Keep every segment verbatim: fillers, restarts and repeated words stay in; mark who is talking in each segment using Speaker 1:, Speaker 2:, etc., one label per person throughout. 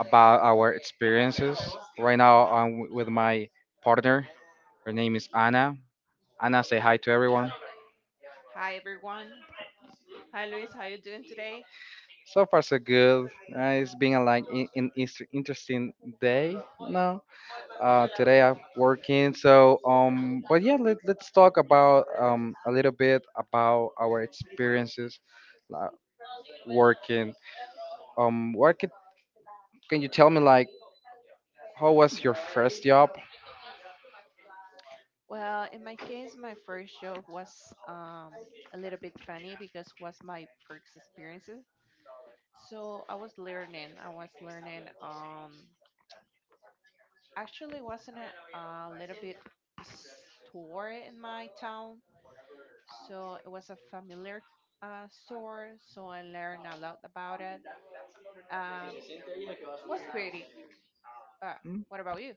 Speaker 1: about our experiences. Right now, I'm w- with my partner. Her name is Anna. Anna, say hi to everyone.
Speaker 2: Hi everyone. Hi Luis, how you doing today?
Speaker 1: So far, so good. Uh, it's been a, like in, in inter- interesting day. No, uh, today I'm working. So, um, but yeah, let, let's talk about um a little bit about our experiences uh, working. Um, what could, can you tell me like how was your first job?
Speaker 2: Well, in my case, my first job was um, a little bit funny because it was my first experiences. So I was learning. I was learning. Um, actually, wasn't a, a little bit store in my town. So it was a familiar uh, store. So I learned a lot about it. Um, was pretty. Uh,
Speaker 1: Hmm?
Speaker 2: what about you?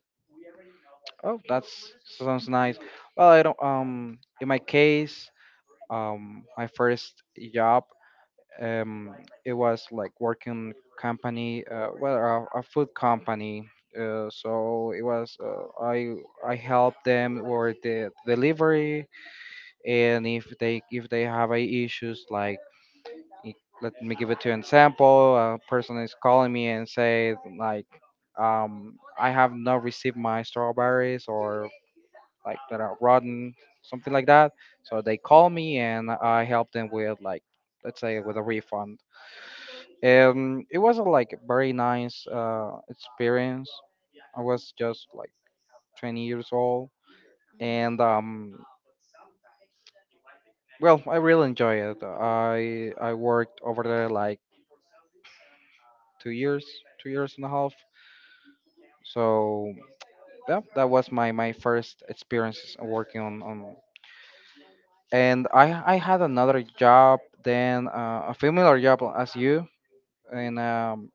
Speaker 1: Oh, that's sounds nice. Well, I don't. Um, in my case, um, my first job, um, it was like working company, uh, well, a, a food company. Uh, so it was uh, I I help them with the delivery, and if they if they have a issues like i- let me give it to an example. A person is calling me and say like um, I have not received my strawberries or like that are rotten, something like that. So they call me and I help them with, like, let's say, with a refund. Um, it was a like very nice uh, experience. I was just like twenty years old, and um, well, I really enjoy it. I I worked over there like two years two years and a half. So yeah, that was my my first experience working on, on and I I had another job then, uh, a similar job as you, in um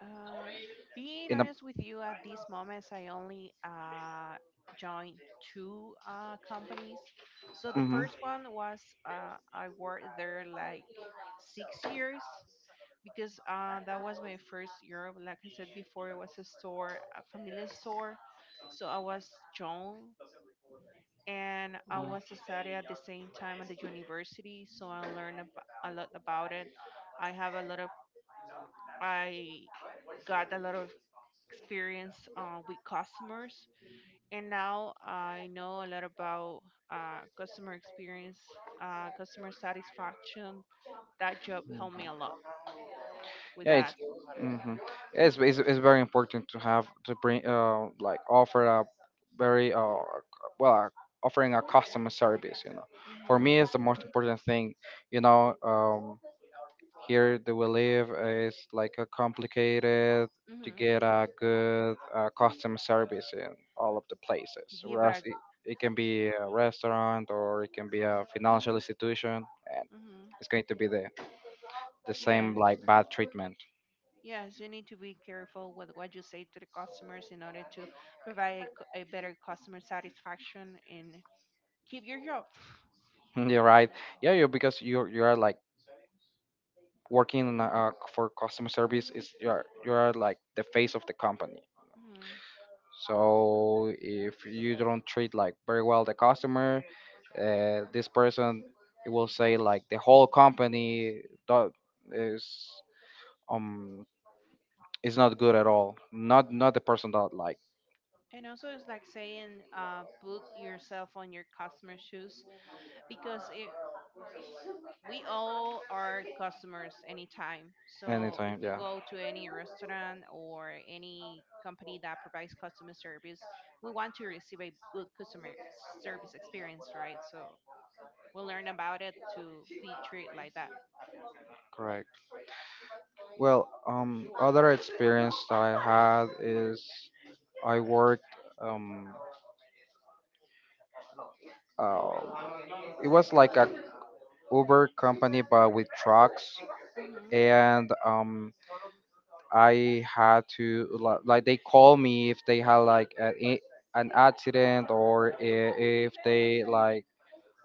Speaker 2: Uh, being
Speaker 1: in a
Speaker 2: honest with you, at these moments, I only uh, joined two uh, companies. So the
Speaker 1: mhm.
Speaker 2: first one was uh, I worked there like six years because uh, that was my first year. Like I said before, it was a store, a familiar store. So I was young and I was studying
Speaker 1: Mm.
Speaker 2: at the same time at the university. So I learned ab- a lot about it. I have a lot of I got a lot of experience uh, with customers. And now I know a lot about uh, customer experience, uh, customer satisfaction. That job helped me a lot with
Speaker 1: yeah
Speaker 2: that.
Speaker 1: it's Mhm. Yeah, it's, it's it's very important to have to bring uh like offer a very uh well uh, offering a customer service you know For me it's the most important thing you know um Here that we live is like a complicated
Speaker 2: Hmm.
Speaker 1: to
Speaker 2: Hmm.
Speaker 1: get a good, uh, customer service in all of the places.
Speaker 2: Give
Speaker 1: Whereas
Speaker 2: a.
Speaker 1: it, it can be a restaurant or it can be a financial institution, and
Speaker 2: Hmm.
Speaker 1: it's going to be the the same
Speaker 2: Yes,
Speaker 1: like bad treatment.
Speaker 2: yes, you need to be careful with what you say to the customers in order to provide a, c- a better customer satisfaction and keep your job.
Speaker 1: You're right. Yeah, you, because you you are like working in a- uh, for customer service, is you are you are like the face of the company.
Speaker 2: Mm-hmm.
Speaker 1: So if you don't treat like very well the customer, uh, this person, it will say like the whole company do- is um is not good at all. Not, not the person that like
Speaker 2: And also, it's like saying, uh, put yourself on your customer's shoes because it, we all are customers anytime. So, if
Speaker 1: anytime.
Speaker 2: we
Speaker 1: Yeah,
Speaker 2: go to any restaurant or any company that provides customer service, we want to receive a good customer service experience, right? So, we'll learn about it to be treated like that.
Speaker 1: correct. Well, um, other experience that I had is I worked um uh, it was like a Uber company but with trucks.
Speaker 2: Hmm.
Speaker 1: And um I had to li- like they call me if they had like a, i- an accident or I- if they like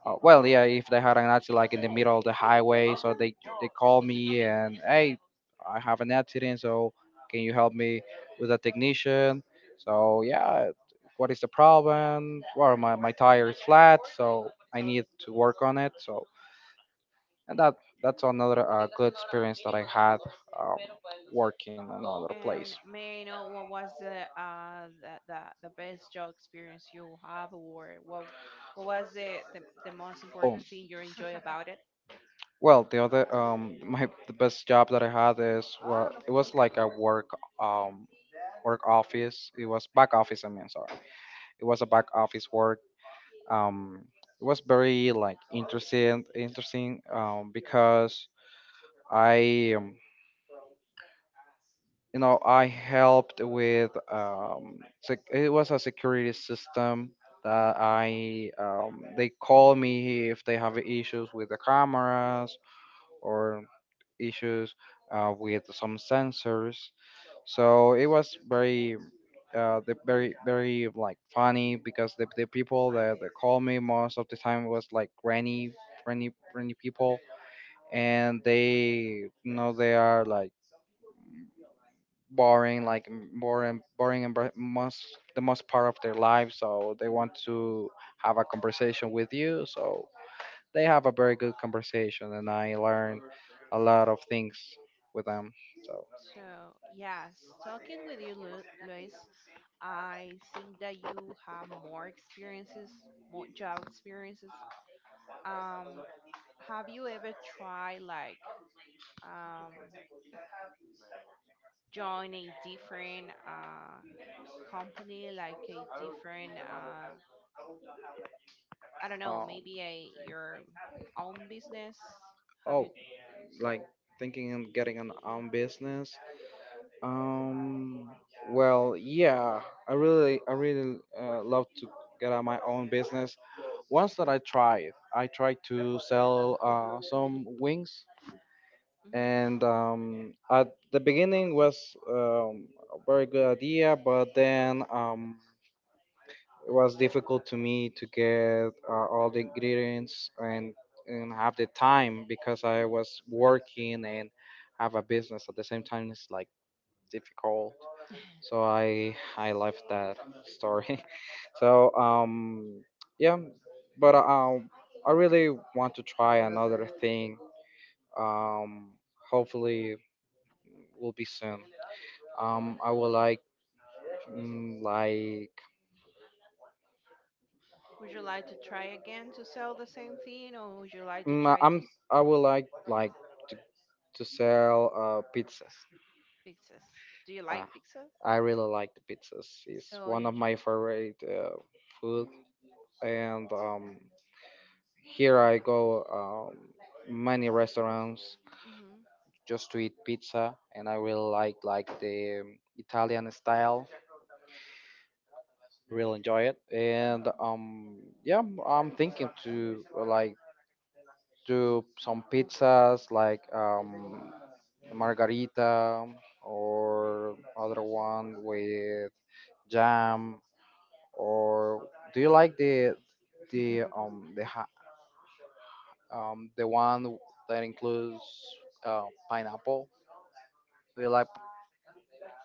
Speaker 1: uh, well yeah if they had an accident like in the middle of the highway, so they they call me and, hey, I have an accident, so can you help me with a technician? So yeah, what is the problem? Well, my, my tire is flat, so I need to work on it. So, and that that's another, uh, good experience that I had, um, working in another place.
Speaker 2: And may I know what was the uh the, the, the best job experience you have, or what what was the, the the most
Speaker 1: Oh,
Speaker 2: important thing you enjoy about it?
Speaker 1: well, the other um, my the best job that I had is, well, it was like a work um work office. It was back office. I mean, sorry, it was a back office work. Um, it was very like interesting, interesting, um, because I um, you know I helped with um sec- it was a security system that
Speaker 2: Mhm.
Speaker 1: I um, they call me if they have issues with the cameras, or issues, uh, with some sensors. So it was very, uh, the very very like funny, because the, the people that, that call me most of the time was like granny granny granny people. And they, you know, they are like boring, like m- boring, boring, and br- most the most part of their life. So they want to have a conversation with you. So they have a very good conversation, and I learned a lot of things with them. So
Speaker 2: So yes, talking with you, Lu- Luis, I think that you have more experiences, more job experiences. Um, have you ever tried like um join a different uh company, like a different uh I don't know,
Speaker 1: um,
Speaker 2: maybe a your own business? Have
Speaker 1: oh,
Speaker 2: you?
Speaker 1: like thinking of getting an own business. Um, well, yeah, I really, I really, uh, love to get out my own business. Once that I tried, I tried to sell, uh, some wings, and
Speaker 2: Hmm.
Speaker 1: um, at the beginning was, um, a very good idea, but then, um, it was difficult to me to get, uh, all the ingredients, and and have the time, because I was working and have a business at the same time. It's like difficult, so i I left that story. so um yeah but um I really want to try another thing, um hopefully will be soon. Um, I would like mm, like
Speaker 2: Would you like to try again to sell the same thing, or would you like to
Speaker 1: mm,
Speaker 2: try
Speaker 1: I'm
Speaker 2: to s-
Speaker 1: I would like like to, to sell, uh, pizzas.
Speaker 2: pizzas? Do you like
Speaker 1: Ah,
Speaker 2: pizza?
Speaker 1: I really like the pizzas. It's
Speaker 2: So
Speaker 1: one
Speaker 2: you.
Speaker 1: of my favorite, uh, food, and um, here I go um, many restaurants
Speaker 2: Mm-hmm.
Speaker 1: just to eat pizza, and I really like like the Italian style. Really enjoy it, and um, yeah, I'm I'm thinking to, uh, like do some pizzas like, um, margarita, or other one with jam. Or do you like the the um the ha- um the one that includes, uh, pineapple? Do you like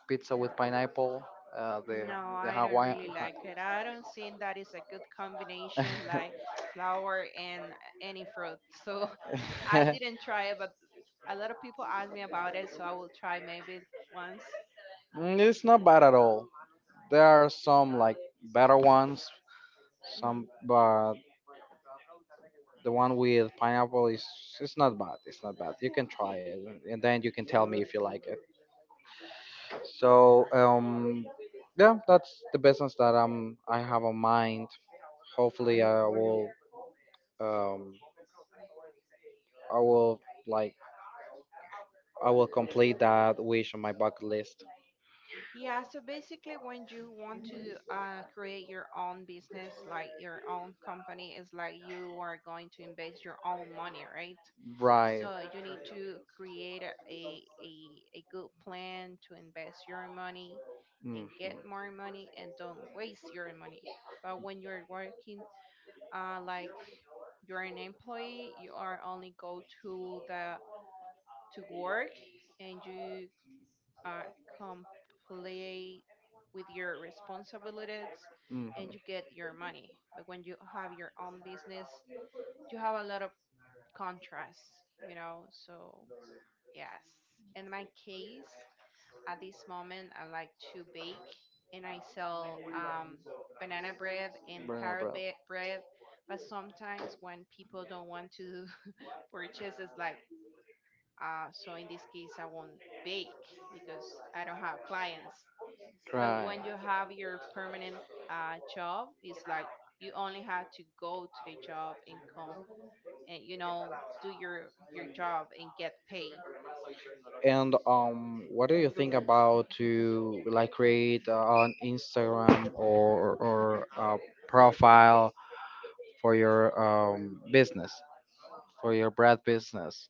Speaker 1: pizza with pineapple? Uh, the
Speaker 2: No,
Speaker 1: the
Speaker 2: I don't
Speaker 1: Hawaiian.
Speaker 2: really like it. I don't think that is a good combination, like flour and any fruit. So I didn't try it, but a lot of people ask me about it, so I will try maybe once.
Speaker 1: Mm, it's not bad at all. There are some like better ones,
Speaker 2: Hmm.
Speaker 1: some, but the one with pineapple is, it's not bad. It's not bad. You can try it, and then you can tell me if you like it. So um, yeah, that's the business that I'm I have on mind. Hopefully, I will um I will like I will complete that wish on my bucket list.
Speaker 2: Yeah, so basically, when you want to uh, create your own business, like your own company, it's like you are going to invest your own money, right?
Speaker 1: Right.
Speaker 2: So you need to create a, a, a good plan to invest your money and
Speaker 1: Hmm,
Speaker 2: get more money and don't waste your money. But when you're working, uh, like, you're an employee. You are only go to the to work, and you are complete with your responsibilities,
Speaker 1: hmm.
Speaker 2: and you get your money. But when you have your own business, you have a lot of contrasts, you know. So yes, in my case, at this moment, I like to bake, and I sell um, banana bread and
Speaker 1: Right,
Speaker 2: carrot
Speaker 1: bro.
Speaker 2: ba- bread, but sometimes when people don't want to purchases like, uh, so in this case I won't bake because I don't have clients. But
Speaker 1: Right.
Speaker 2: when you have your permanent uh, job, it's like you only have to go to the job and come, and you know do your your job and get paid.
Speaker 1: And um, what do you think about to like create, uh, an Instagram, or or a profile for your, um, business, for your bread business.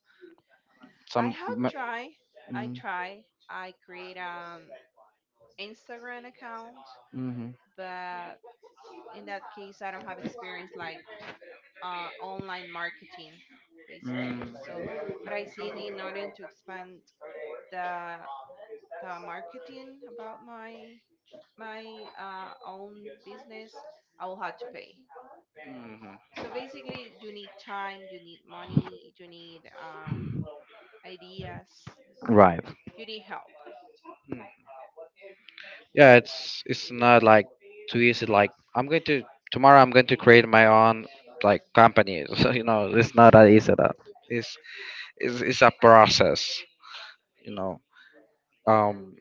Speaker 2: I
Speaker 1: Some.
Speaker 2: have
Speaker 1: m-
Speaker 2: tried. i
Speaker 1: Mm,
Speaker 2: try I create an Instagram account,
Speaker 1: mhm,
Speaker 2: but in that case I don't have experience like uh, online marketing basically.
Speaker 1: mm,
Speaker 2: So but I seen in order to expand the the marketing about my my uh, own business, I will have to pay.
Speaker 1: mhm.
Speaker 2: So basically you need time, you need money, you need um, ideas,
Speaker 1: Right.
Speaker 2: you need help.
Speaker 1: Mm. Yeah, it's it's not like too easy. Like I'm going to tomorrow. I'm going to create my own like company. So, you know, it's not that easy. That It's it's it's a process. You know, um,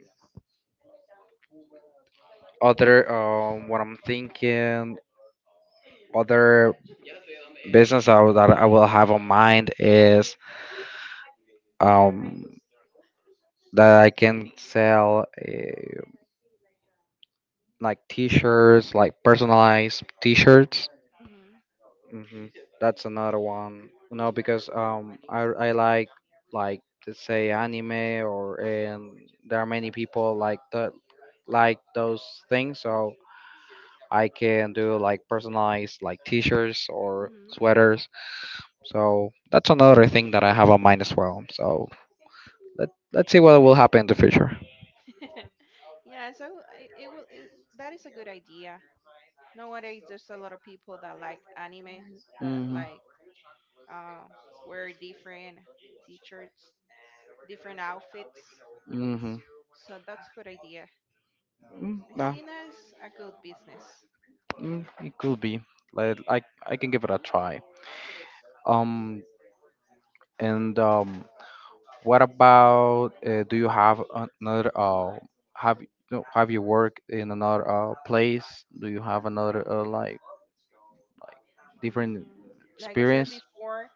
Speaker 1: other um, what I'm thinking, other business I, will- that I will have on mind is um that I can sell, uh, like t-shirts, like personalized t-shirts.
Speaker 2: Hmm.
Speaker 1: Hmm. That's another one. No, because um I I like like let's say anime, or, and there are many people like that, like those things. So I can do like personalized like t-shirts or
Speaker 2: Hmm.
Speaker 1: sweaters. So that's another thing that I have on mind as well. So, Let, let's see what will happen in the future.
Speaker 2: yeah, so I- it will it, that is a good idea. Nowadays there's a lot of people that like anime, that
Speaker 1: Mhm.
Speaker 2: like uh, wear different t-shirts, different outfits.
Speaker 1: Mhm.
Speaker 2: So that's a good idea.
Speaker 1: Mm,
Speaker 2: I
Speaker 1: nah.
Speaker 2: see it as a good business.
Speaker 1: Mm, it could be. Like I I can give it a try. Um. And um. What about? Uh, do you have another? Uh. Have y- no, Have you worked in another, uh, place? Do you have another, uh, like different
Speaker 2: Mm, like I said
Speaker 1: experience?
Speaker 2: before,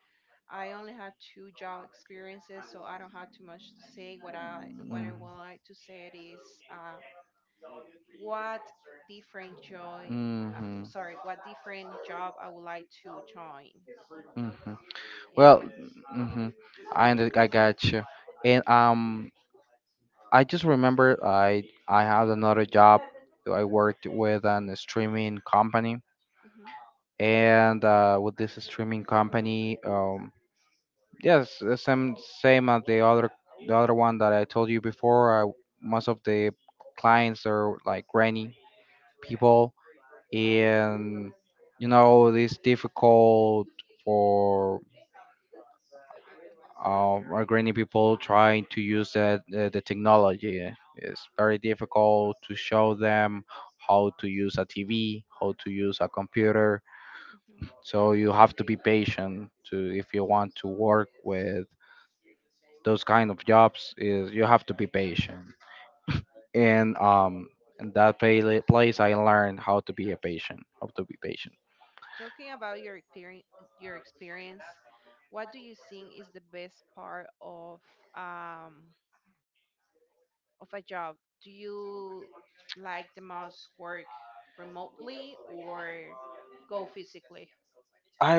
Speaker 2: I only had two job experiences, so I don't have too much to say. What I what I
Speaker 1: Mm.
Speaker 2: would like to say it is uh, what different joy, uh,
Speaker 1: Hmm.
Speaker 2: sorry, what different job I would like to join.
Speaker 1: Mm-hmm.
Speaker 2: And
Speaker 1: Well,
Speaker 2: my.
Speaker 1: mm-hmm. I under- I got you. And um, I just remember I I had another job. I worked with an streaming company,
Speaker 2: Hmm.
Speaker 1: and, uh, with this streaming company, um, yes, the same same as the other the other one that I told you before. I, most of the clients are like granny people, and you know it's difficult for, uh, Ukrainian people trying to use that, uh, the technology. It's very difficult to show them how to use a T V, how to use a computer. So you have to be patient to, if you want to work with those kind of jobs. Is you have to be patient, and um, in that pla- place I learned how to be a patient, how to be patient.
Speaker 2: Talking about your experience, your experience, what do you think is the best part of, um, of a job? Do you like the most work remotely or go physically?
Speaker 1: I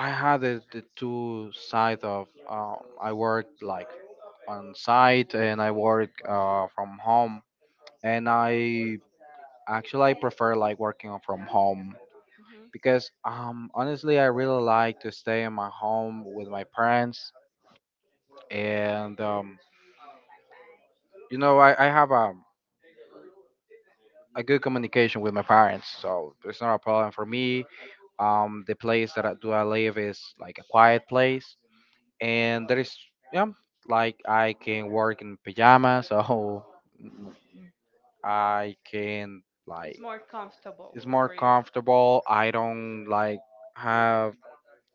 Speaker 1: I had the, the two sides of, uh, I worked like on site and I work, uh, from home, and I actually I prefer like working from home,
Speaker 2: Hmm.
Speaker 1: because, um honestly I really like to stay in my home with my parents, and um you know, I, I have a a good communication with my parents, so it's not a problem for me. Um the place that I do I live is like a quiet place, and there is, yeah, like I can work in pajamas. So I can
Speaker 2: It's
Speaker 1: like,
Speaker 2: more comfortable
Speaker 1: it's more
Speaker 2: for you
Speaker 1: comfortable. I don't like have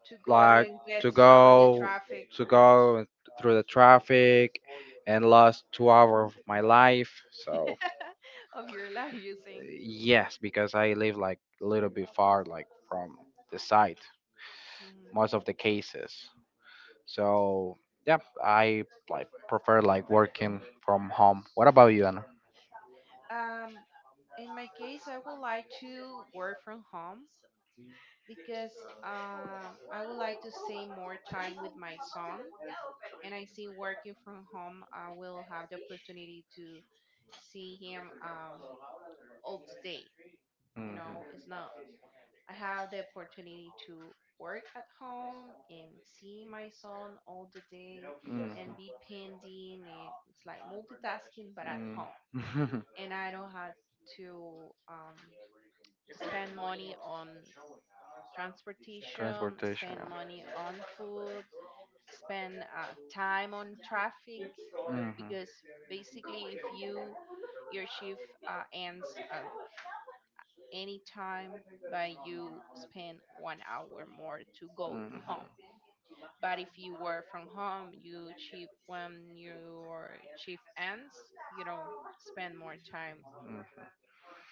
Speaker 2: to go to
Speaker 1: like
Speaker 2: and get
Speaker 1: to
Speaker 2: stuck on the
Speaker 1: go,
Speaker 2: traffic
Speaker 1: to
Speaker 2: or,
Speaker 1: go through the traffic and lost two hours of my life. So,
Speaker 2: of your life. You
Speaker 1: uh,
Speaker 2: think?
Speaker 1: yes, because I live like a little bit far, like from the site,
Speaker 2: Hmm.
Speaker 1: most of the cases. So yeah, I like prefer like working from home. What about you, Anna?
Speaker 2: Um, in my case, I would like to work from home because um, I would like to save more time with my son. And I see working from home, I will have the opportunity to see him, um, all the day. You
Speaker 1: Hmm.
Speaker 2: know, it's not, I have the opportunity to work at home and see my son all the day
Speaker 1: Hmm.
Speaker 2: and be pending, and it's like multitasking, but at
Speaker 1: Mm.
Speaker 2: home. And I don't have to. Um, spend money on transportation,
Speaker 1: Transportation.
Speaker 2: spend money on food, spend uh, time on traffic,
Speaker 1: Mm-hmm.
Speaker 2: because basically if you your shift uh, ends at any time, but you spend one hour more to go to home.
Speaker 1: Mm-hmm.
Speaker 2: But if you work from home, you shift, when your shift ends, you don't spend more time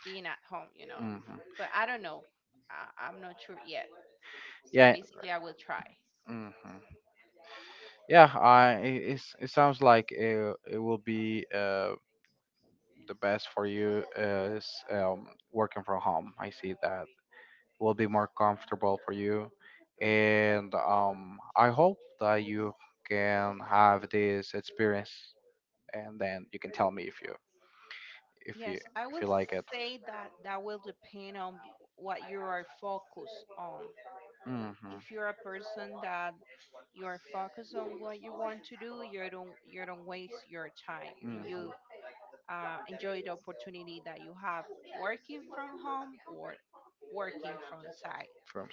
Speaker 2: being at home you know
Speaker 1: Mm-hmm.
Speaker 2: But I don't know, I, i'm not sure yet. So
Speaker 1: Yeah.
Speaker 2: basically, I will try.
Speaker 1: Hmm. Yeah, I it, it's, it sounds like it, it will be, uh, the best for you, uh, is, um, working from home. I see that will be more comfortable for you, and um, I hope that you can have this experience, and then you can tell me if you if you
Speaker 2: Yes, I
Speaker 1: if
Speaker 2: will
Speaker 1: you like it.
Speaker 2: say that that will depend on what you are focused on.
Speaker 1: Hmm, hmm.
Speaker 2: If you're a person that you are focused on what you want to do, you don't you don't waste your time and you uh, enjoy the opportunity that you have working from home or working from site.
Speaker 1: From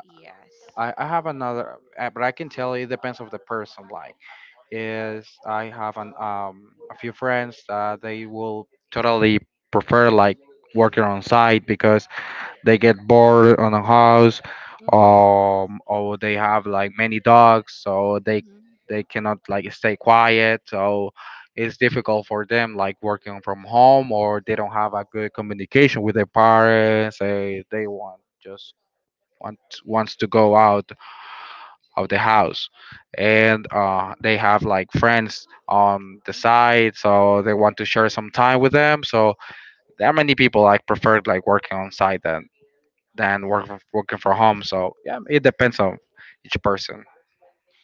Speaker 2: Yes.
Speaker 1: I, I have another, uh, but I can tell it depends of the person. Like, is I have an um a few friends that they will totally prefer like working on site because they get bored on a house,
Speaker 2: Mhm.
Speaker 1: um, or they have like many dogs, so they
Speaker 2: Mhm.
Speaker 1: they cannot like stay quiet. So it's difficult for them like working from home, or they don't have a good communication with their parents. They they want just want wants to go out of the house and uh, they have like friends on the
Speaker 2: Mhm.
Speaker 1: side so they want to share some time with them so there are many people like prefer like working on site than than work, working from home, so yeah, it depends on each person.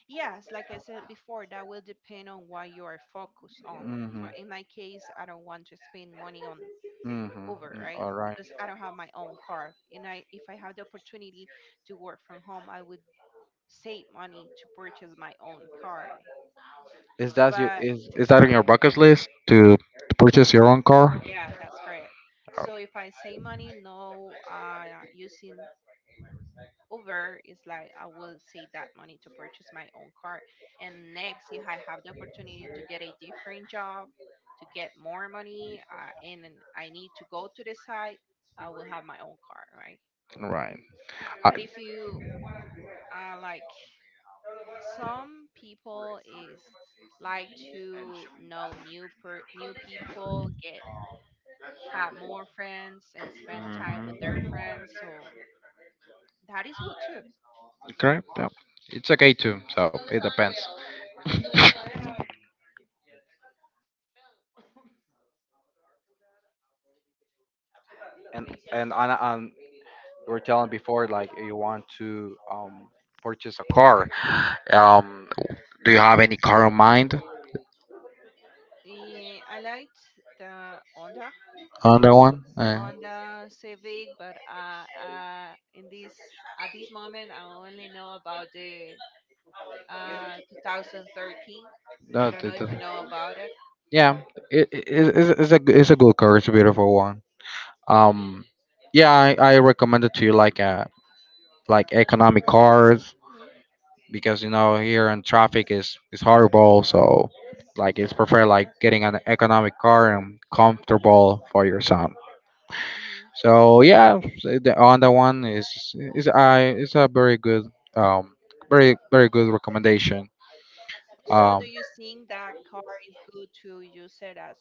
Speaker 2: Yes, like I said before, that will depend on what you are focused on.
Speaker 1: Hmm,
Speaker 2: For in my case, I don't want to spend money on
Speaker 1: hmm.
Speaker 2: Uber, right?
Speaker 1: All right.
Speaker 2: Because I don't have my own car. And I if I have the opportunity to work from home, I would save money to purchase my own car.
Speaker 1: Is that you?
Speaker 2: But
Speaker 1: is, is that on your bucket list to, to purchase your own car?
Speaker 2: yeah, that's correct. So if I
Speaker 1: Oh.
Speaker 2: save money, no uh using over is like I will save that money to purchase my own car. And next, if I have the opportunity to get a different job, to get more money, uh, and then I need to go to the site, I will have my own car, right?
Speaker 1: Right. I,
Speaker 2: But if you, uh, like, some people is like to know new per- new people, get have more friends and spend time with their
Speaker 1: Mhm.
Speaker 2: friends, so that is good too.
Speaker 1: Correct. Yeah. It's okay too. So it depends. And and on, on you were telling before like you want to um purchase a car. Um, do you have any car in mind
Speaker 2: Eh, I liked the Onda
Speaker 1: on that one? Uh,
Speaker 2: on the civic, but uh, uh, in this at this moment, I only know about the uh, two thousand thirteen. I
Speaker 1: No,
Speaker 2: don't
Speaker 1: the-
Speaker 2: know if you
Speaker 1: the-
Speaker 2: know about it.
Speaker 1: yeah. It, it, it's, it's a g- it's a good car. It's a beautiful one. um yeah, i, I recommend it to you, like uh like economic cars,
Speaker 2: Mhm,
Speaker 1: because you know here in traffic is is horrible, so like it's prefer like getting an economic car and comfortable for your son.
Speaker 2: mhm.
Speaker 1: So yeah, so the Honda one is is i is a very good, um very, very good recommendation.
Speaker 2: So,
Speaker 1: um
Speaker 2: do you think that car is good to use it as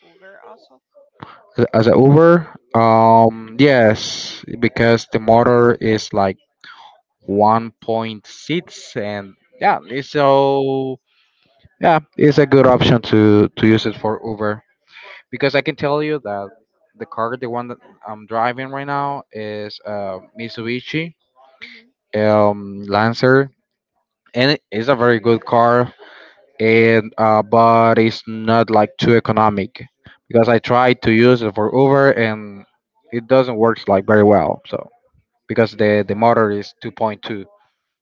Speaker 2: Uber also?
Speaker 1: as as a Uber? Um yes, because the motor is like one point six, and yeah, it's so, yeah, it's a good option to to use it for Uber, because I can tell you that the car, the one that I'm driving right now, is uh Mitsubishi,
Speaker 2: Hmm.
Speaker 1: um Lancer, and it is a very good car, and uh but it's not like too economic because I tried to use it for Uber and it doesn't work like very well, so because the the motor is two point two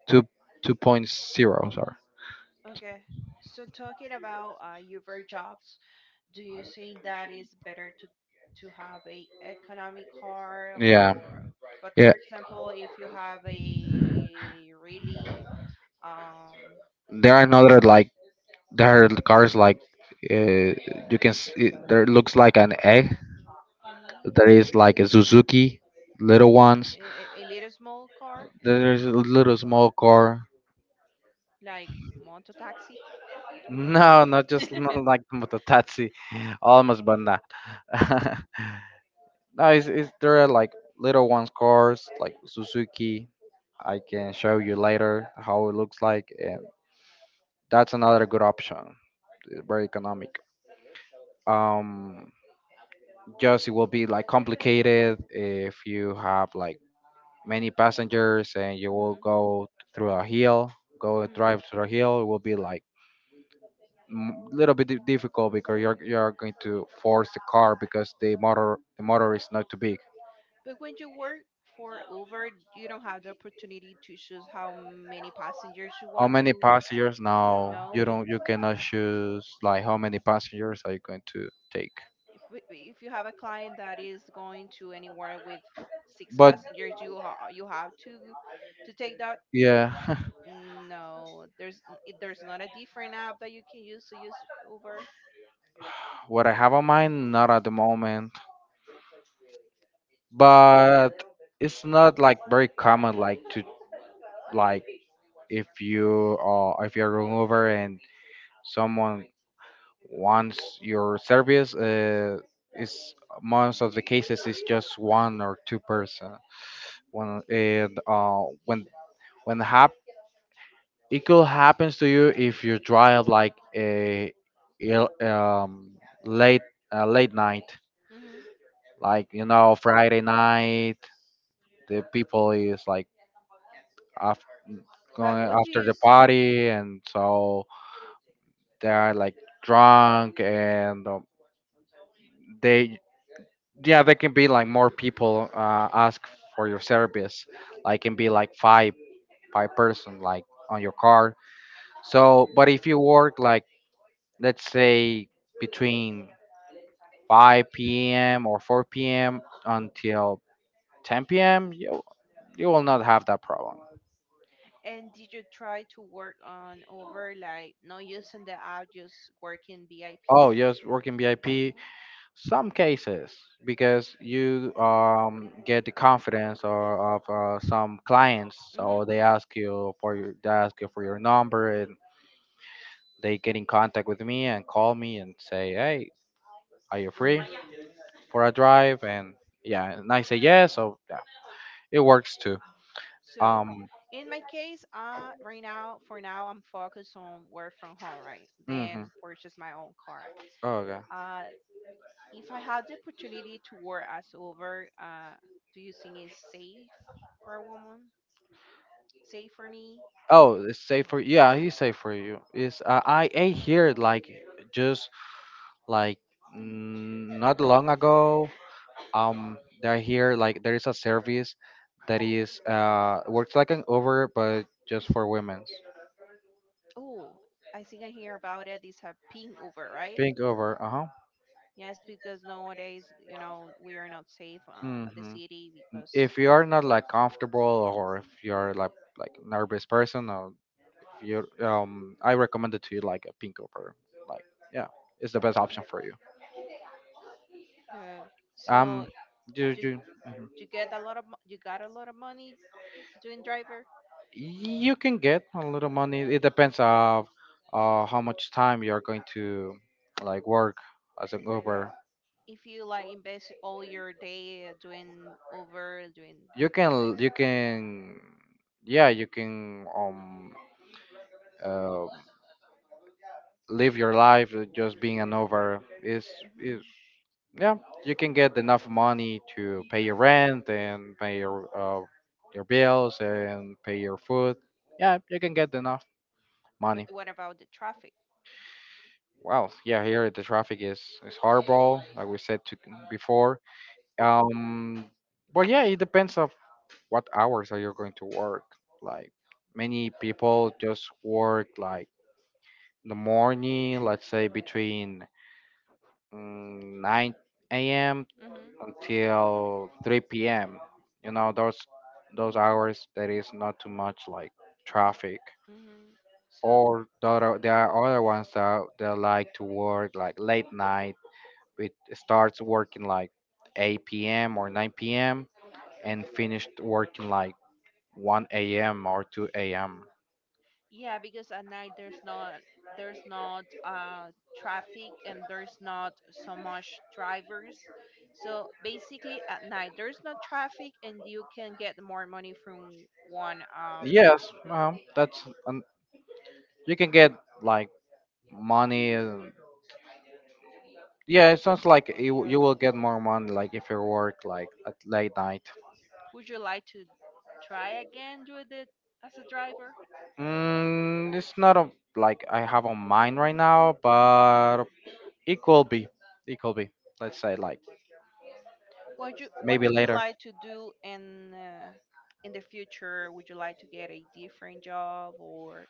Speaker 1: two two point zero, sorry.
Speaker 2: Okay. So, talking about uh, Uber jobs, do you think that is better to to have a economic car
Speaker 1: Yeah.
Speaker 2: or, but
Speaker 1: Yeah.
Speaker 2: for example if you have a really, um
Speaker 1: There are another like, there are cars like, uh, you can s it, there looks like an egg.
Speaker 2: hmm,
Speaker 1: There is like a Suzuki, little ones.
Speaker 2: a, a a little small car
Speaker 1: There's a little small car.
Speaker 2: like moto taxi.
Speaker 1: No, not just,
Speaker 2: hmm.
Speaker 1: not like mototaxi, almost but not. No, it's, it's there are like little ones cars like Suzuki. I can show you later how it looks like. That's another good option. Very economic. Um, just it will be like complicated if you have like many passengers and you will go through a hill, go and
Speaker 2: Hmm.
Speaker 1: drive through a hill. It will be like m- little bit di- difficult because you're you're going to force the car, because the motor the motor is not too big.
Speaker 2: But when you work for Uber, you don't have the opportunity to choose how many passengers you
Speaker 1: How
Speaker 2: want
Speaker 1: many
Speaker 2: to
Speaker 1: passengers? Now you
Speaker 2: know.
Speaker 1: don't you cannot choose like how many passengers are you going to take?
Speaker 2: Wi- if you have a client that is going to anywhere with six
Speaker 1: But
Speaker 2: passengers, you ha- you have to to take that.
Speaker 1: yeah,
Speaker 2: No, there's n- it- there's not a different app that you can use to use Uber.
Speaker 1: what I have on mind, not at the moment. But it's not like very common, like to, like, if you uh if you're going over and someone wants your service, uh, it's most of the cases it's just one or two person. When it uh when when happens. It could happen to you if you drive like a il- um, late uh, late night,
Speaker 2: Hmm.
Speaker 1: like you know Friday night. The people is like after going
Speaker 2: But what do
Speaker 1: after
Speaker 2: you
Speaker 1: the
Speaker 2: think?
Speaker 1: party, and so they are like drunk, and um, they, yeah, there can be like more people uh, ask for your service. Like can be like five five person like on your car. So, but if you work like, let's say, between five p m or four p m until ten p m, you, you will not have that problem.
Speaker 2: And did you try to work on over like not using the app, just working VIP?
Speaker 1: Oh, yes, working V I P, some cases because you, um, get the confidence or of uh, some clients,
Speaker 2: Mm-hmm.
Speaker 1: so they ask you for your they ask you for your number, and they get in contact with me and call me and say, hey, are you free for a drive? And yeah, and I say yes, so yeah, it works too.
Speaker 2: So,
Speaker 1: Um.
Speaker 2: in my case, uh, right now, for now, I'm focused on work from home, right?
Speaker 1: Mm-hmm.
Speaker 2: Then purchase my own car.
Speaker 1: Oh, okay.
Speaker 2: Uh, if I have the opportunity to work as Uber, uh, do you think it's safe for a woman? Safe for me?
Speaker 1: Oh, it's safe for, yeah. He's safe for you. It's uh, I ate here like just like mm, not long ago. Um, they're here like, there is a service that is uh works like an Uber but just for women's.
Speaker 2: Oh, I think I hear about it. It's a pink Uber, right?
Speaker 1: Pink Uber. Uh huh.
Speaker 2: Yes, because nowadays, you know, we are not safe uh, at the
Speaker 1: Mm-hmm.
Speaker 2: city because
Speaker 1: If you are not like comfortable, or if you are like like nervous person, or your um, I recommended to you like a pink over, like, yeah, it's the best option for you.
Speaker 2: good.
Speaker 1: Um,
Speaker 2: So,
Speaker 1: you
Speaker 2: do
Speaker 1: you mhm.
Speaker 2: you get a lot of mo- you got a lot of money doing driver?
Speaker 1: You can get a little money. It depends of uh how much time you are going to like work as an Uber.
Speaker 2: If you like invest all your day uh, doing over, doing
Speaker 1: You can
Speaker 2: like.
Speaker 1: you can, yeah, you can, um uh, live your life, uh, just being an Uber. Is,
Speaker 2: Hmm.
Speaker 1: yeah, you can get enough money to pay your rent and pay your, uh, your bills and pay your food. Yeah, you can get enough
Speaker 2: But
Speaker 1: money.
Speaker 2: what about the traffic?
Speaker 1: Well, yeah, here the traffic is is horrible, like we said to, before. um but yeah, it depends of what hours are you going to work. Like, many people just work like in the morning, let's say between mm, nine a m
Speaker 2: Hmm.
Speaker 1: until three p m. You know, those those hours there is not too much like traffic.
Speaker 2: Hmm. So
Speaker 1: Or there are, there are other ones that that like to work like late night. It starts working like eight p m or nine p m and finished working like one a m or two a m.
Speaker 2: yeah, because at night there's not there's not uh traffic and there's not so much drivers. So basically at night there's no traffic and you can get more money from one. um
Speaker 1: Yes, um, that's, you can get like money. And- Yeah, it sounds like you, you will get more money like if you work like at late night.
Speaker 2: Would you like to try again with it as a driver?
Speaker 1: Mm, it's not a like I have on mind right now, but it could be, it could be. Let's say like
Speaker 2: What you what
Speaker 1: maybe
Speaker 2: you would
Speaker 1: later.
Speaker 2: like to do in uh, in the future? Would you like to get a different job or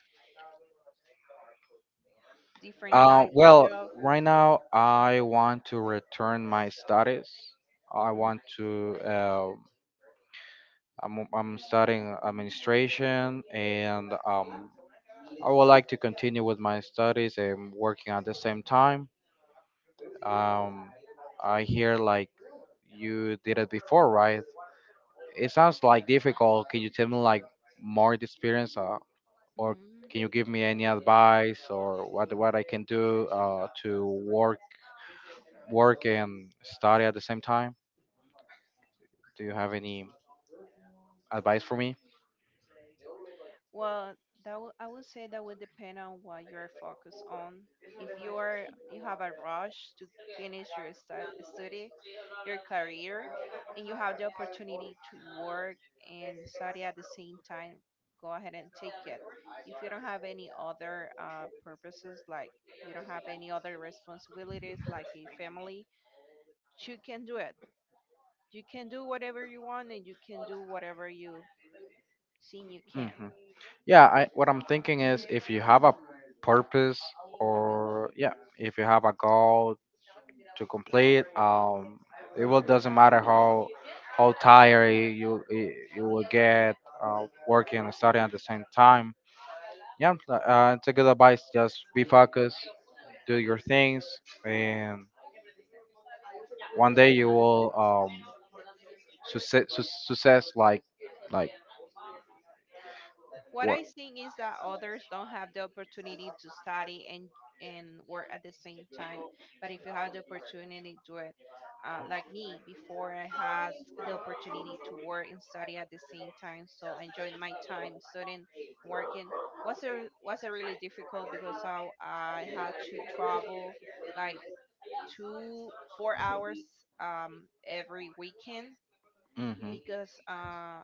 Speaker 2: different
Speaker 1: Uh,
Speaker 2: type of
Speaker 1: well,
Speaker 2: job?
Speaker 1: right now I want to return my studies. I
Speaker 2: Hmm.
Speaker 1: want to. Uh, I'm I'm studying administration and um I would like to continue with my studies and working at the same time. Um, I hear like you did it before, right? It sounds like difficult. Can you tell me like more the experience, uh, or can
Speaker 2: Hmm.
Speaker 1: you give me any advice or what what I can do uh, to work work and study at the same time? Do you have any advice for me?
Speaker 2: Well, that w- I would say that would depend on what you're focused on. If you are you have a rush to finish your stu- study, your career, and you have the opportunity to work and study at the same time, go ahead and take it. If you don't have any other uh, purposes, like you don't have any other responsibilities, like a family, you can do it. You can do whatever you want, and you can do whatever you think you can.
Speaker 1: Hmm. Yeah, I, what I'm thinking is, if you have a purpose, or, yeah, if you have a goal to complete. Um, it will doesn't matter how how tired you you, you will get uh, working and studying at the same time. Yeah, uh, it's a good advice. Just be focused, do your things, and one day you will um success, su- success like like
Speaker 2: What
Speaker 1: what.
Speaker 2: I'm is that others don't have the opportunity to study and and work at the same time. But if you have the opportunity, do it. Uh, like me, before I had the opportunity to work and study at the same time, so I enjoyed my time studying, working. Was a was a really difficult because I I had to travel like two four hours um every weekend,
Speaker 1: Hmm.
Speaker 2: because uh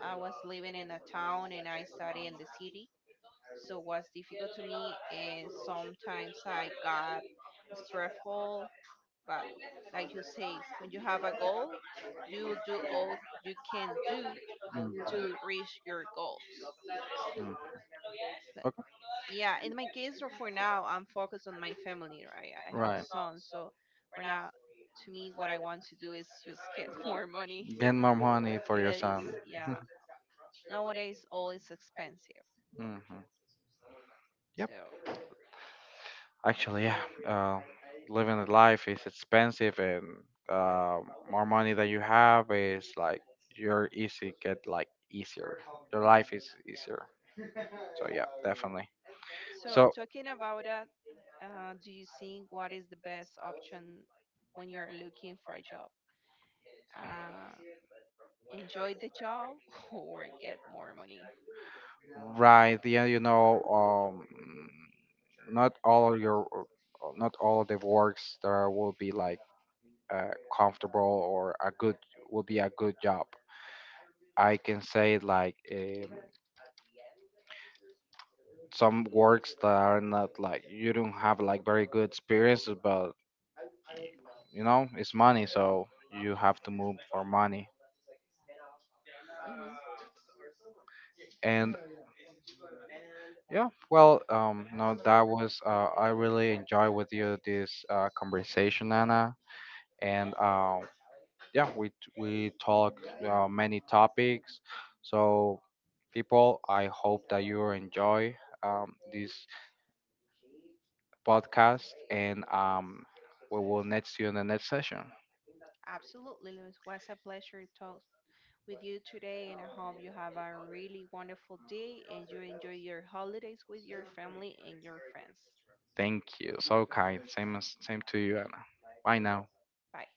Speaker 2: I was living in a town and I study in the city, so what's difficult to me is sometimes I got stressful. But like you say, when you have a goal, you do all you can do
Speaker 1: Mm.
Speaker 2: to reach your goals.
Speaker 1: Mm.
Speaker 2: But
Speaker 1: Okay.
Speaker 2: yeah, in my case, or for now, I'm focused on my family, right? I have a
Speaker 1: Right.
Speaker 2: son, so for now, to me, what I want to do is just get more money,
Speaker 1: Get more money for your
Speaker 2: because
Speaker 1: son.
Speaker 2: yeah, nowadays all is expensive.
Speaker 1: Hmm. Yep.
Speaker 2: So,
Speaker 1: Actually, yeah. Uh, living the life is expensive, and uh, more money that you have is like your easy get like easier. Your life is easier. So yeah, definitely.
Speaker 2: so,
Speaker 1: So
Speaker 2: talking about that, uh, do you think what is the best option when you're looking for a job? Uh, enjoy the job or get more money?
Speaker 1: right, yeah, you know, um, not all your, not all the works there will be like uh, comfortable, or a good will be a good job. I can say like, um, some works that are not like, you don't have like very good experiences, but you know it's money, so you have to move for money.
Speaker 2: Hmm.
Speaker 1: And yeah, well, um no, that was, uh, I really enjoy with you this, uh, conversation, Anna. And um yeah, we t- we talk, uh, many topics. So, people, I hope that you enjoy, um, this podcast. And um, we will next you in the next session.
Speaker 2: Absolutely, Luis. Was a pleasure to talk with you today, and I hope you have a really wonderful day and you enjoy your holidays with your family and your friends.
Speaker 1: Thank you, so kind. Same as same to you, Anna. Bye now.
Speaker 2: Bye.